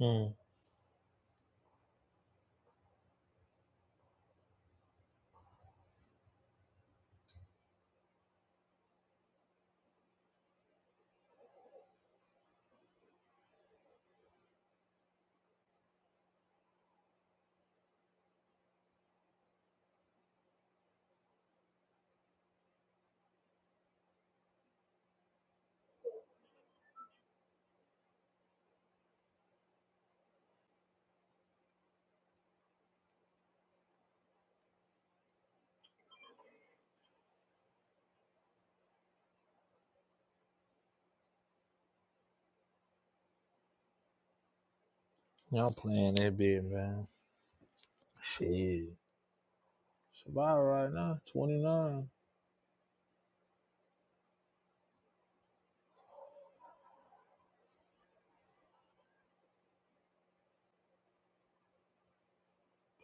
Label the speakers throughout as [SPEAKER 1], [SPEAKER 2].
[SPEAKER 1] Mm, y'all playing that big, man. Shit. Survive right now, 29.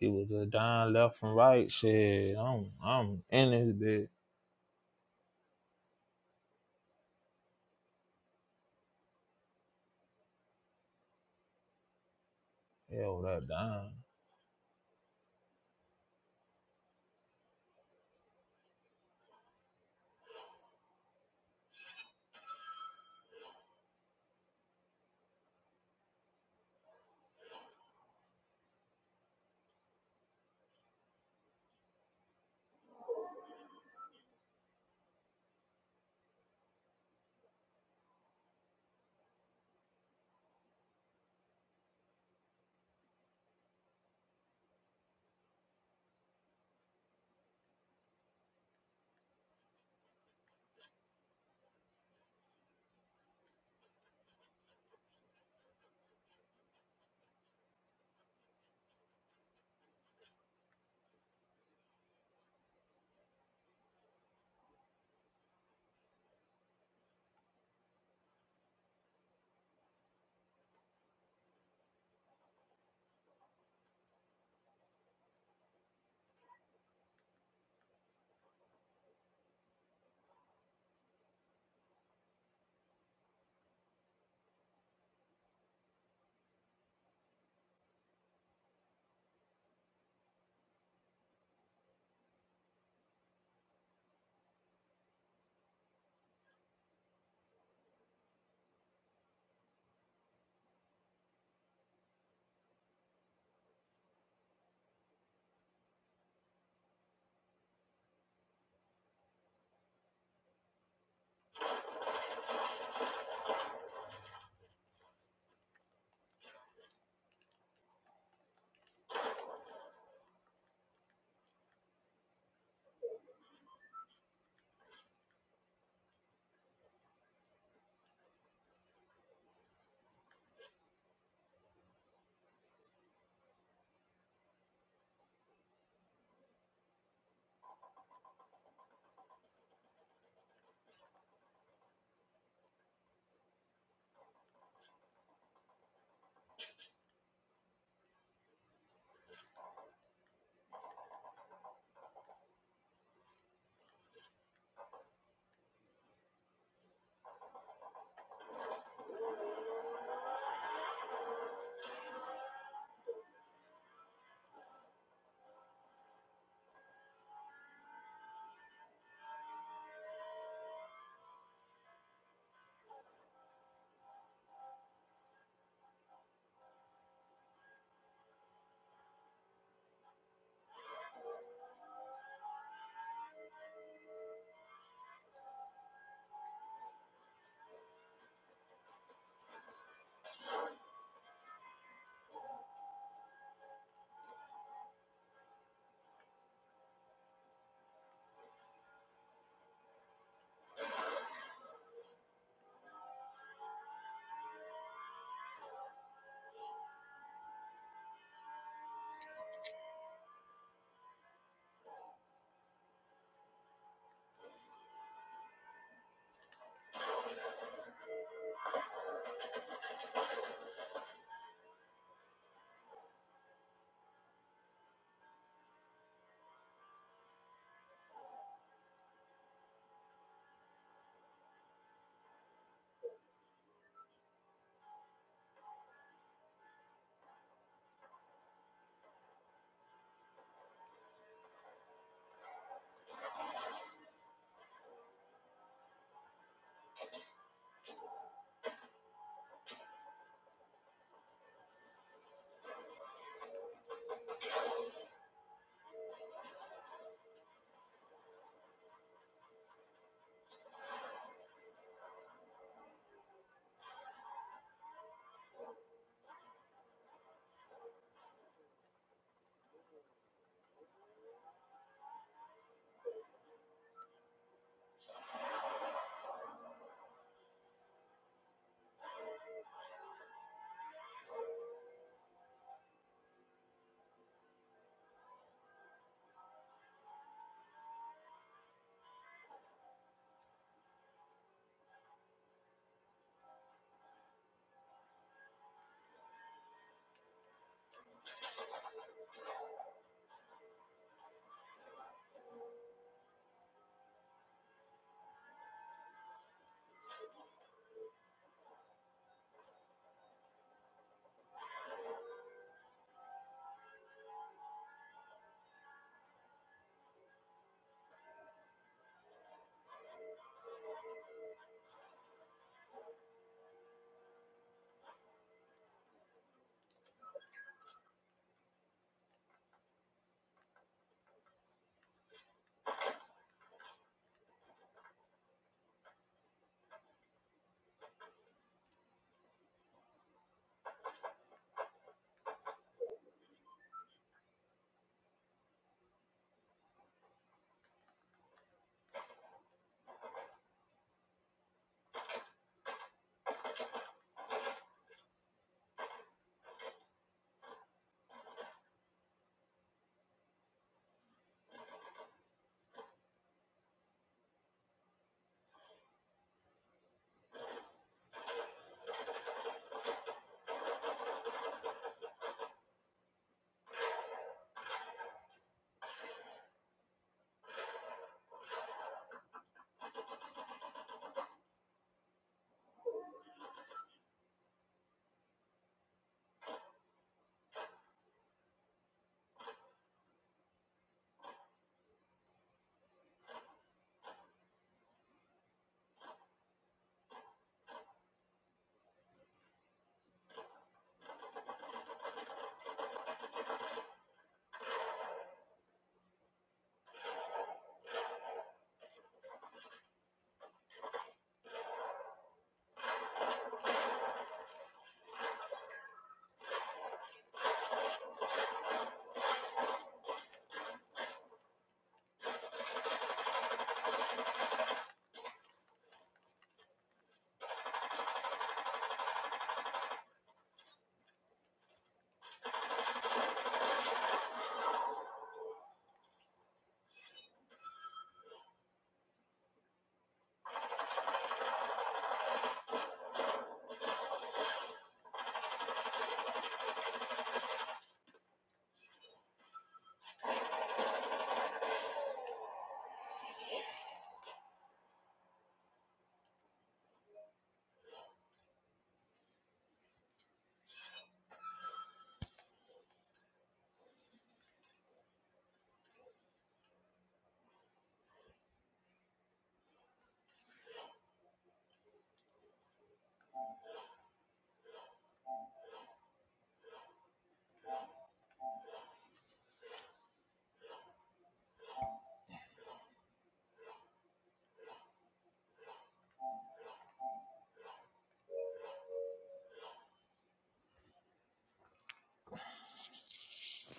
[SPEAKER 1] People just dying left and right. Shit, I'm I'm in this bit. Hell, that dying.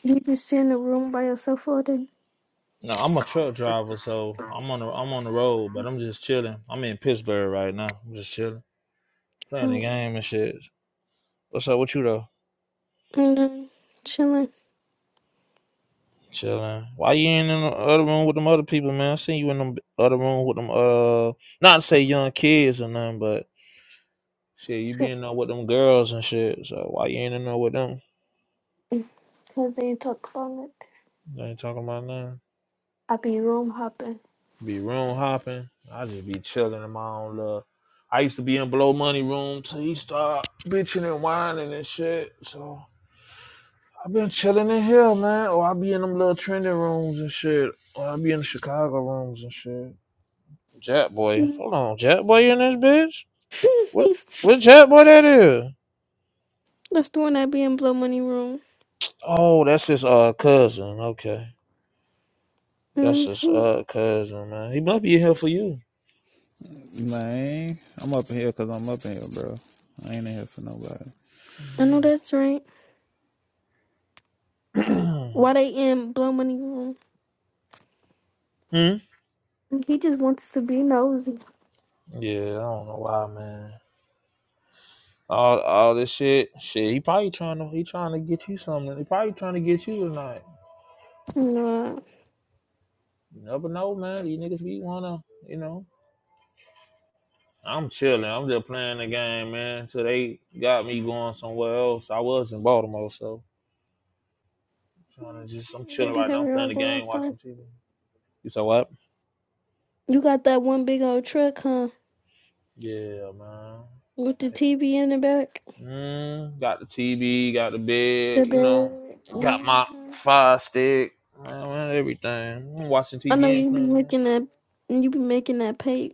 [SPEAKER 2] You just sit in the room by yourself all day.
[SPEAKER 1] No, I'm a truck driver, so I'm on the I'm on the road, but I'm just chilling. I'm in Pittsburgh right now. I'm just chilling, playing the
[SPEAKER 2] Mm.
[SPEAKER 1] game and shit. What's up with you though?
[SPEAKER 2] And then chilling.
[SPEAKER 1] Chilling. Why you ain't in the other room with them other people, man? I seen you in the other room with them. Uh, not to say young kids or nothing, but Shit, you be
[SPEAKER 2] Because
[SPEAKER 1] in there with them girls and shit. So why you ain't in there with them?
[SPEAKER 2] they ain't talk about it.
[SPEAKER 1] They ain't talking about nothing.
[SPEAKER 2] I be room hopping.
[SPEAKER 1] Be room hopping. I just be chilling in my own love. I used to be in blow money room till he start bitching and whining and shit. So i been chilling in here, man. Or I be in them little trendy rooms and shit. Or I be in the Chicago rooms and shit. Jack boy,
[SPEAKER 2] Mm.
[SPEAKER 1] hold on, Jack boy in this bitch? What? What Jack boy that is?
[SPEAKER 2] that's the one I be in Blow Money Room.
[SPEAKER 1] Oh, that's his uh cousin. Okay. That's
[SPEAKER 2] Mm.
[SPEAKER 1] his uh cousin, man. He must be here for you.
[SPEAKER 3] Man, I'm up in here because I'm up in here, bro. I ain't in here for nobody.
[SPEAKER 2] I know
[SPEAKER 1] hmm?
[SPEAKER 2] that's right. Why they in Blow Money Room? He just wants to be nosy.
[SPEAKER 1] Yeah, I don't know why, man. All all this shit, shit. He probably trying to he trying to get you something. He probably trying to get you tonight.
[SPEAKER 2] Nah.
[SPEAKER 1] You never know, man. These niggas be wanna, you know. I'm chilling. I'm just playing the game, man. Till they got me going somewhere else. I was in Baltimore, so I'm trying to just I'm
[SPEAKER 2] They
[SPEAKER 1] chilling
[SPEAKER 2] be
[SPEAKER 1] right now. I'm
[SPEAKER 2] having
[SPEAKER 1] playing
[SPEAKER 2] all
[SPEAKER 1] the
[SPEAKER 2] the
[SPEAKER 1] game,
[SPEAKER 2] last
[SPEAKER 1] watching
[SPEAKER 2] time.
[SPEAKER 1] TV. You said what?
[SPEAKER 2] You got that one big old truck, huh?
[SPEAKER 1] Yeah, man.
[SPEAKER 2] With the TV in the back.
[SPEAKER 1] Mm, got the TV, got the
[SPEAKER 2] The
[SPEAKER 1] bed, you know,
[SPEAKER 2] bed.
[SPEAKER 1] got my fire stick, man, man, everything. I'm watching
[SPEAKER 2] I know
[SPEAKER 1] TV and
[SPEAKER 2] you be
[SPEAKER 1] playing, man.
[SPEAKER 2] making that, you be making that pay.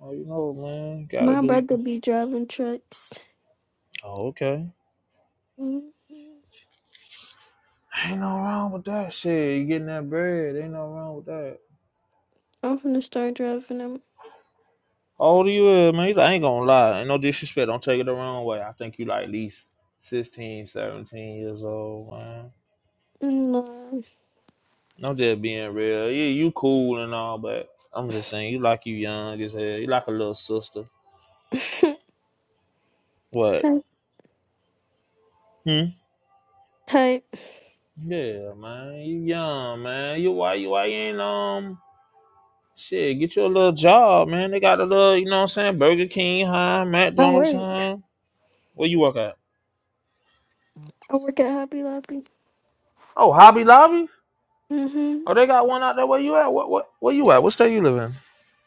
[SPEAKER 1] Oh, you know, man, gotta
[SPEAKER 2] My
[SPEAKER 1] do.
[SPEAKER 2] brother be driving trucks.
[SPEAKER 1] Oh, okay.
[SPEAKER 2] Mhm.
[SPEAKER 1] Ain't no wrong with that shit. You getting that bread? Ain't no wrong with that.
[SPEAKER 2] I'm finna start driving them.
[SPEAKER 1] How old are you, is, man? I ain't gonna lie. Ain't no disrespect. Don't take it the wrong way. I think you like at least 16, 17 years old, man.
[SPEAKER 2] No,
[SPEAKER 1] No, just being real. Yeah, you cool and all, but I'm just saying, you like you young as hell. You like a little sister. What?
[SPEAKER 2] type,
[SPEAKER 1] Hmm?
[SPEAKER 2] type.
[SPEAKER 1] Yeah, man, you young, man. You why you why you ain't um shit, get you a little job, man. They got a little, you know what I'm saying, Burger King, huh?
[SPEAKER 2] I
[SPEAKER 1] McDonald's,
[SPEAKER 2] work.
[SPEAKER 1] huh? Where you work at?
[SPEAKER 2] I work at Hobby Lobby.
[SPEAKER 1] Oh, Hobby Lobby?
[SPEAKER 2] hmm
[SPEAKER 1] Oh, they got one out there where you at? What what where you at? What state you live in?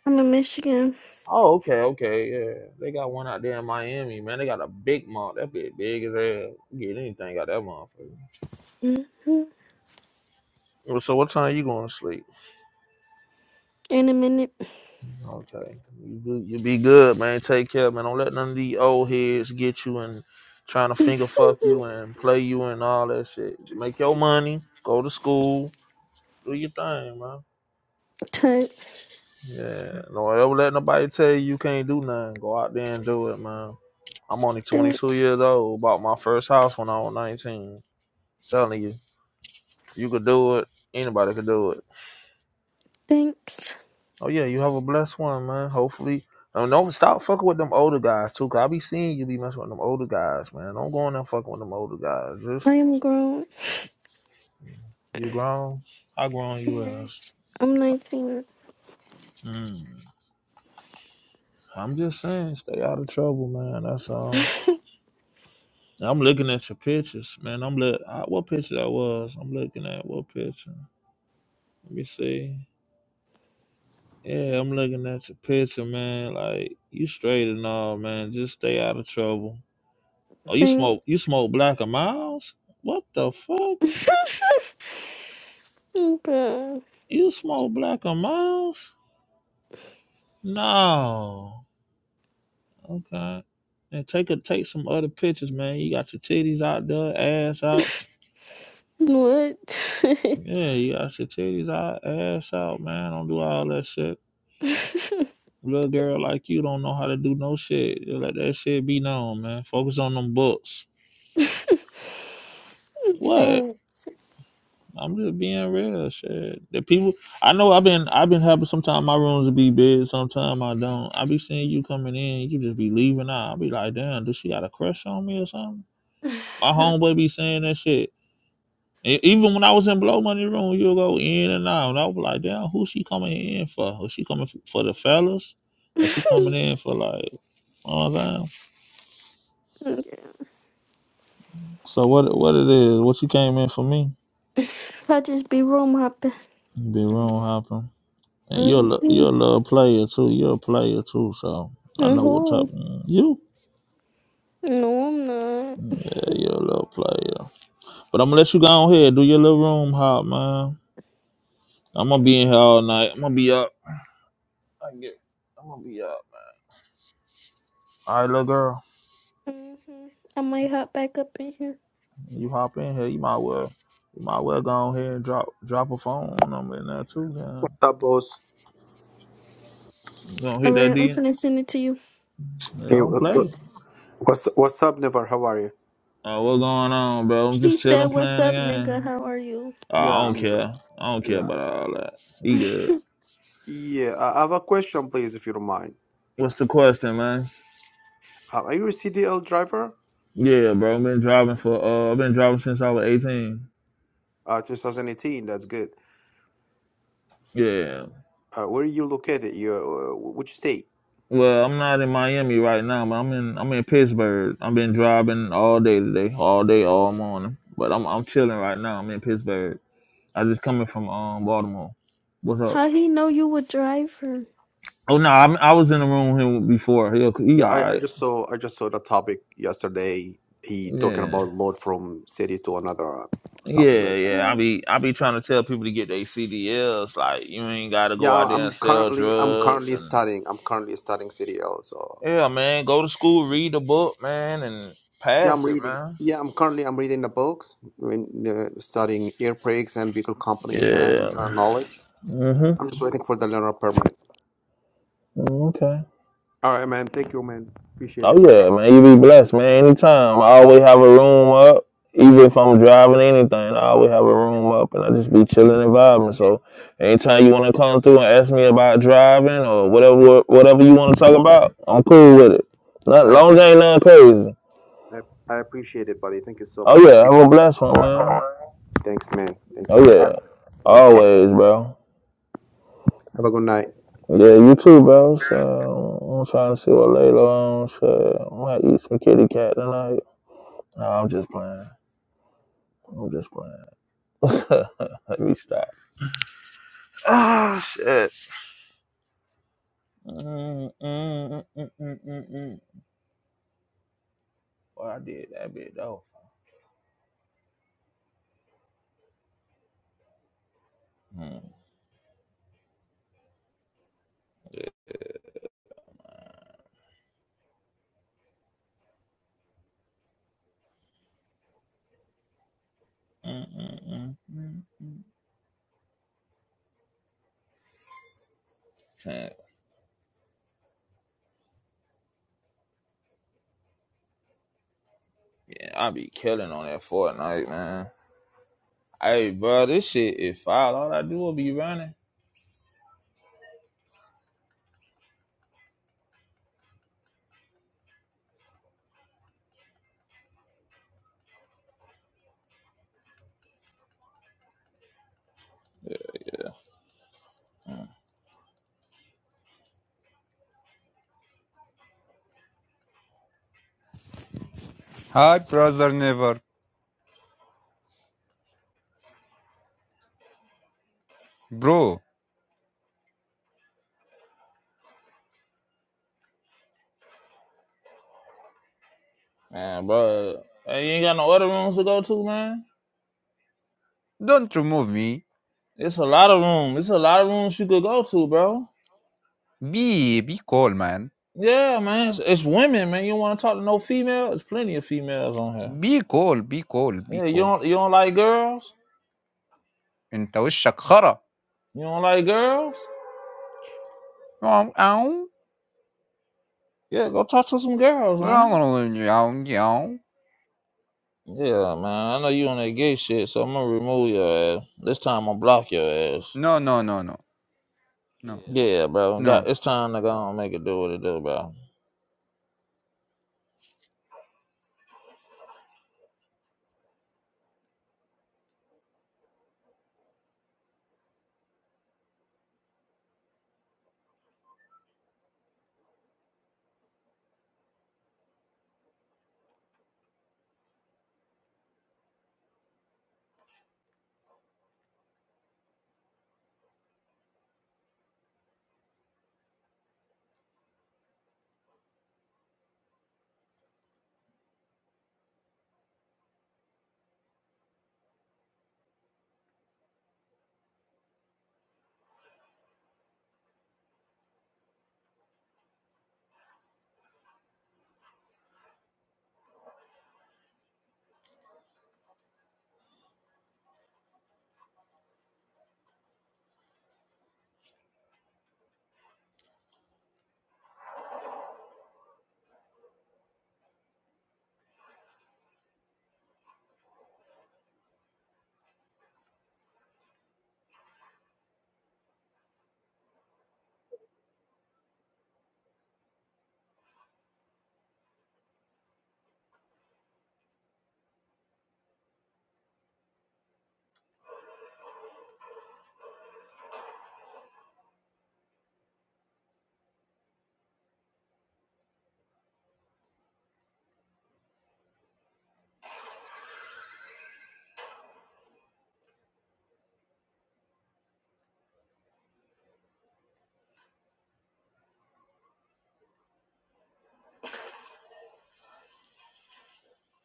[SPEAKER 2] I'm in Michigan.
[SPEAKER 1] Oh, okay, okay, yeah. They got one out there in Miami, man. They got a big mall. That bit big as hell. You Get anything out that motherfucker.
[SPEAKER 2] hmm
[SPEAKER 1] Well, So what time you going to sleep?
[SPEAKER 2] In a minute.
[SPEAKER 1] Okay. You you be good, man. Take care, man. Don't let none of these old heads get you and trying to finger fuck you and play you and all that shit. Make your money, go to school, do your thing, man.
[SPEAKER 2] type.
[SPEAKER 1] Yeah. Don't ever let nobody tell you you can't do nothing. Go out there and do it, man. I'm only 22
[SPEAKER 2] Thanks.
[SPEAKER 1] years old. Bought my first house when I was 19. I'm Telling you, you could do it. Anybody could do it.
[SPEAKER 2] Thanks.
[SPEAKER 1] Oh yeah, you have a blessed one, man. Hopefully, um, don't stop fucking with them older guys too. Cause I be seeing you be messing with them older guys, man. Don't go in there fucking with them older guys. Just
[SPEAKER 2] I am grown.
[SPEAKER 1] you grown, I grown you as.
[SPEAKER 2] Yes. I'm 19.
[SPEAKER 1] Mm. I'm just saying, stay out of trouble, man. That's all. I'm looking at your pictures, man. I'm look. I, what picture that was? I'm looking at what picture? Let me see. Yeah, I'm looking at your picture, man. Like you straight and all, man. Just stay out of trouble. Oh, you
[SPEAKER 2] Thanks.
[SPEAKER 1] smoke you smoke black and miles? What the fuck?
[SPEAKER 2] Bruh.
[SPEAKER 1] You smoke black and miles? No. Okay. And take a take some other pictures, man. You got your titties out there, ass out. Yeah, you got your titties out, ass out, man. Don't do all that shit.
[SPEAKER 2] What?
[SPEAKER 1] Little girl like you don't know how to do no shit. Just let that shit be known, man. Focus on them books. What?
[SPEAKER 2] Thanks.
[SPEAKER 1] I'm just being real. Shit. The people I know I've been I've been having sometimes my rooms be big, sometimes I don't. I be seeing you coming in, you just be leaving out. I be like, damn, does she got a crush on me or something? My homeboy be saying that shit. E- Even when I was in Blow Money Room, you'll go in and out. And I was like, damn, who she coming in for? Was she coming f- for the fellas? Or she coming in for like, all that? So what what it is, what you came in for me?
[SPEAKER 2] I just be room hopping.
[SPEAKER 1] Be room hopping. And you're a
[SPEAKER 2] Mm-hmm.
[SPEAKER 1] you're a little player too. You're a player too. So I know what
[SPEAKER 2] mm-hmm.
[SPEAKER 1] type mm, you.
[SPEAKER 2] No, I'm not.
[SPEAKER 1] Yeah, you're a little player. But I'm gonna let you go on here. Do your little room hop, man. I'm gonna be in here all night. I'm gonna be up. I get. I'm gonna be up. All right, little girl.
[SPEAKER 2] hmm I might hop back up in here.
[SPEAKER 1] You hop in here. You might well. You might well go on here and drop drop a phone number in there too. Man.
[SPEAKER 4] What's up, boss?
[SPEAKER 1] You gonna hit that
[SPEAKER 2] Alright, I'm
[SPEAKER 1] D?
[SPEAKER 2] finna send it to you.
[SPEAKER 1] They
[SPEAKER 4] Hey,
[SPEAKER 1] don't
[SPEAKER 4] what-
[SPEAKER 1] play.
[SPEAKER 4] what- what's what's up, Never? How are you?
[SPEAKER 1] Uh, what's going on, bro? I'm
[SPEAKER 2] She
[SPEAKER 1] just
[SPEAKER 2] said,
[SPEAKER 1] chilling,
[SPEAKER 2] What's
[SPEAKER 1] playing the
[SPEAKER 2] up,
[SPEAKER 1] game.
[SPEAKER 2] nigga? How are you?
[SPEAKER 1] Uh, I
[SPEAKER 4] Yeah,
[SPEAKER 1] don't
[SPEAKER 4] I'm good.
[SPEAKER 1] care. I don't care
[SPEAKER 4] Yeah,
[SPEAKER 1] about all that. You good?
[SPEAKER 4] yeah. I I have a question, please, if you don't mind.
[SPEAKER 1] What's the question, man?
[SPEAKER 4] Uh, are you a CDL driver?
[SPEAKER 1] Yeah, bro. I've been driving for uh I've been driving since I was eighteen.
[SPEAKER 4] Uh, 2018. That's good.
[SPEAKER 1] Yeah.
[SPEAKER 4] Uh, where are you located? You, uh, which state?
[SPEAKER 1] Well, I'm not in Miami right now, but I'm in I'm in Pittsburgh. I've been driving all day today, all day, all morning. But I'm I'm chilling right now. I'm in Pittsburgh. I just coming from um Baltimore. What's up?
[SPEAKER 2] How he know you a driver?
[SPEAKER 1] Oh no, I'm, I was in the room with him before. He he
[SPEAKER 4] Yeah,
[SPEAKER 1] all
[SPEAKER 4] I, I
[SPEAKER 1] right.
[SPEAKER 4] just saw I just saw the topic yesterday. He talking
[SPEAKER 1] Yeah.
[SPEAKER 4] about load from city to another, uh, something
[SPEAKER 1] Yeah,
[SPEAKER 4] like that.
[SPEAKER 1] yeah. I
[SPEAKER 2] Mm.
[SPEAKER 1] be I be trying to tell people to get their CDLs. Like you ain't got to go
[SPEAKER 4] Yeah,
[SPEAKER 1] out there and
[SPEAKER 4] I'm
[SPEAKER 1] sell
[SPEAKER 4] currently I'm
[SPEAKER 1] drugs
[SPEAKER 4] currently
[SPEAKER 1] and
[SPEAKER 4] studying. I'm currently studying CDL. So
[SPEAKER 1] Yeah, man. Go to school, read the book, man, and
[SPEAKER 4] Yeah, I'm
[SPEAKER 1] pass it,
[SPEAKER 4] reading.
[SPEAKER 1] man.
[SPEAKER 4] Yeah, I'm currently I'm reading the books, when, uh, studying air brakes and vehicle combination and
[SPEAKER 1] Yeah.
[SPEAKER 4] uh, knowledge.
[SPEAKER 1] Mhm.
[SPEAKER 4] I'm just waiting for the learner permit.
[SPEAKER 1] Mm, Okay.
[SPEAKER 4] All right, man. Thank you, man. Appreciate
[SPEAKER 1] Oh
[SPEAKER 4] it.
[SPEAKER 1] yeah, man. You be blessed, man. Anytime. I always have a room up. Even if I'm driving anything, I always have a room up and I just be chilling and vibing. So anytime you wanna come through and ask me about driving or whatever whatever you wanna talk about, I'm cool with it. Not
[SPEAKER 4] I
[SPEAKER 1] long as ain't nothing crazy.
[SPEAKER 4] I, I appreciate it, buddy. Thank you so
[SPEAKER 1] Oh
[SPEAKER 4] much.
[SPEAKER 1] yeah, have a blessed one, man.
[SPEAKER 4] Thanks, man. Thank you.
[SPEAKER 1] Oh yeah.
[SPEAKER 4] Thanks.
[SPEAKER 1] Always, bro.
[SPEAKER 4] Have a good night.
[SPEAKER 1] Yeah, you too, bro. So I'm trying to see what later on. So I might eat some kitty cat tonight. No, I'm just playing. I'm just playing. Let me stop. Ah, shit. Mm, mm, mm, mm, mm, mm, mm. Well, I did that bit though. Mm, mm, mm, mm, mm, mm. Can't- Yeah, I be killing on that Fortnite, man. Hey, bro, this shit is foul. All I do will be running. Mm.
[SPEAKER 5] Hi, brother Never. Bro,
[SPEAKER 1] Man, bro, hey, you ain't got no other rooms to go to, man.
[SPEAKER 5] don't remove me.
[SPEAKER 1] It's a lot of room. It's a lot of rooms you could go to, bro.
[SPEAKER 5] Be be cool, man.
[SPEAKER 1] Yeah, man. It's, it's women, man. You don't want to talk to no female? There's plenty of females on here.
[SPEAKER 5] Be cool, be cool, be
[SPEAKER 1] Yeah, you
[SPEAKER 5] cool.
[SPEAKER 1] don't you don't like girls?
[SPEAKER 5] انت وشك خرا.
[SPEAKER 1] You don't like girls?
[SPEAKER 5] No, no,
[SPEAKER 1] Yeah, go talk to some girls, man.
[SPEAKER 5] no, no.
[SPEAKER 1] Yeah, man. I know you on that gay shit, so I'm gonna remove your ass. This time I'm block your ass.
[SPEAKER 5] No, no, no, no. No, Yeah.
[SPEAKER 1] Yeah, bro.
[SPEAKER 5] no.
[SPEAKER 1] Got it's time to go and make it do what it do, bro.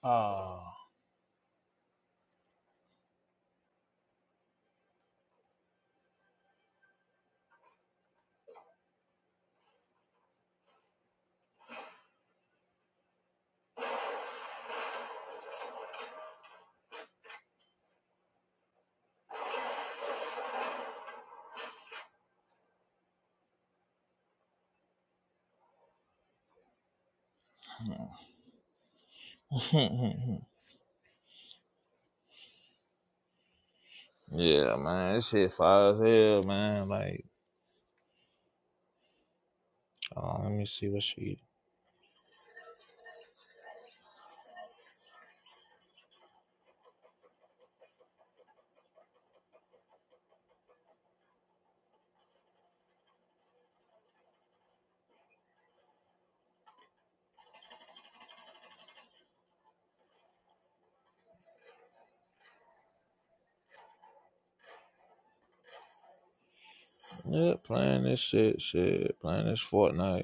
[SPEAKER 1] Oh, yeah, man. This shit fire as hell, man. Like, uh, let me see what she Yeah, playing this shit, shit, playing this Fortnite.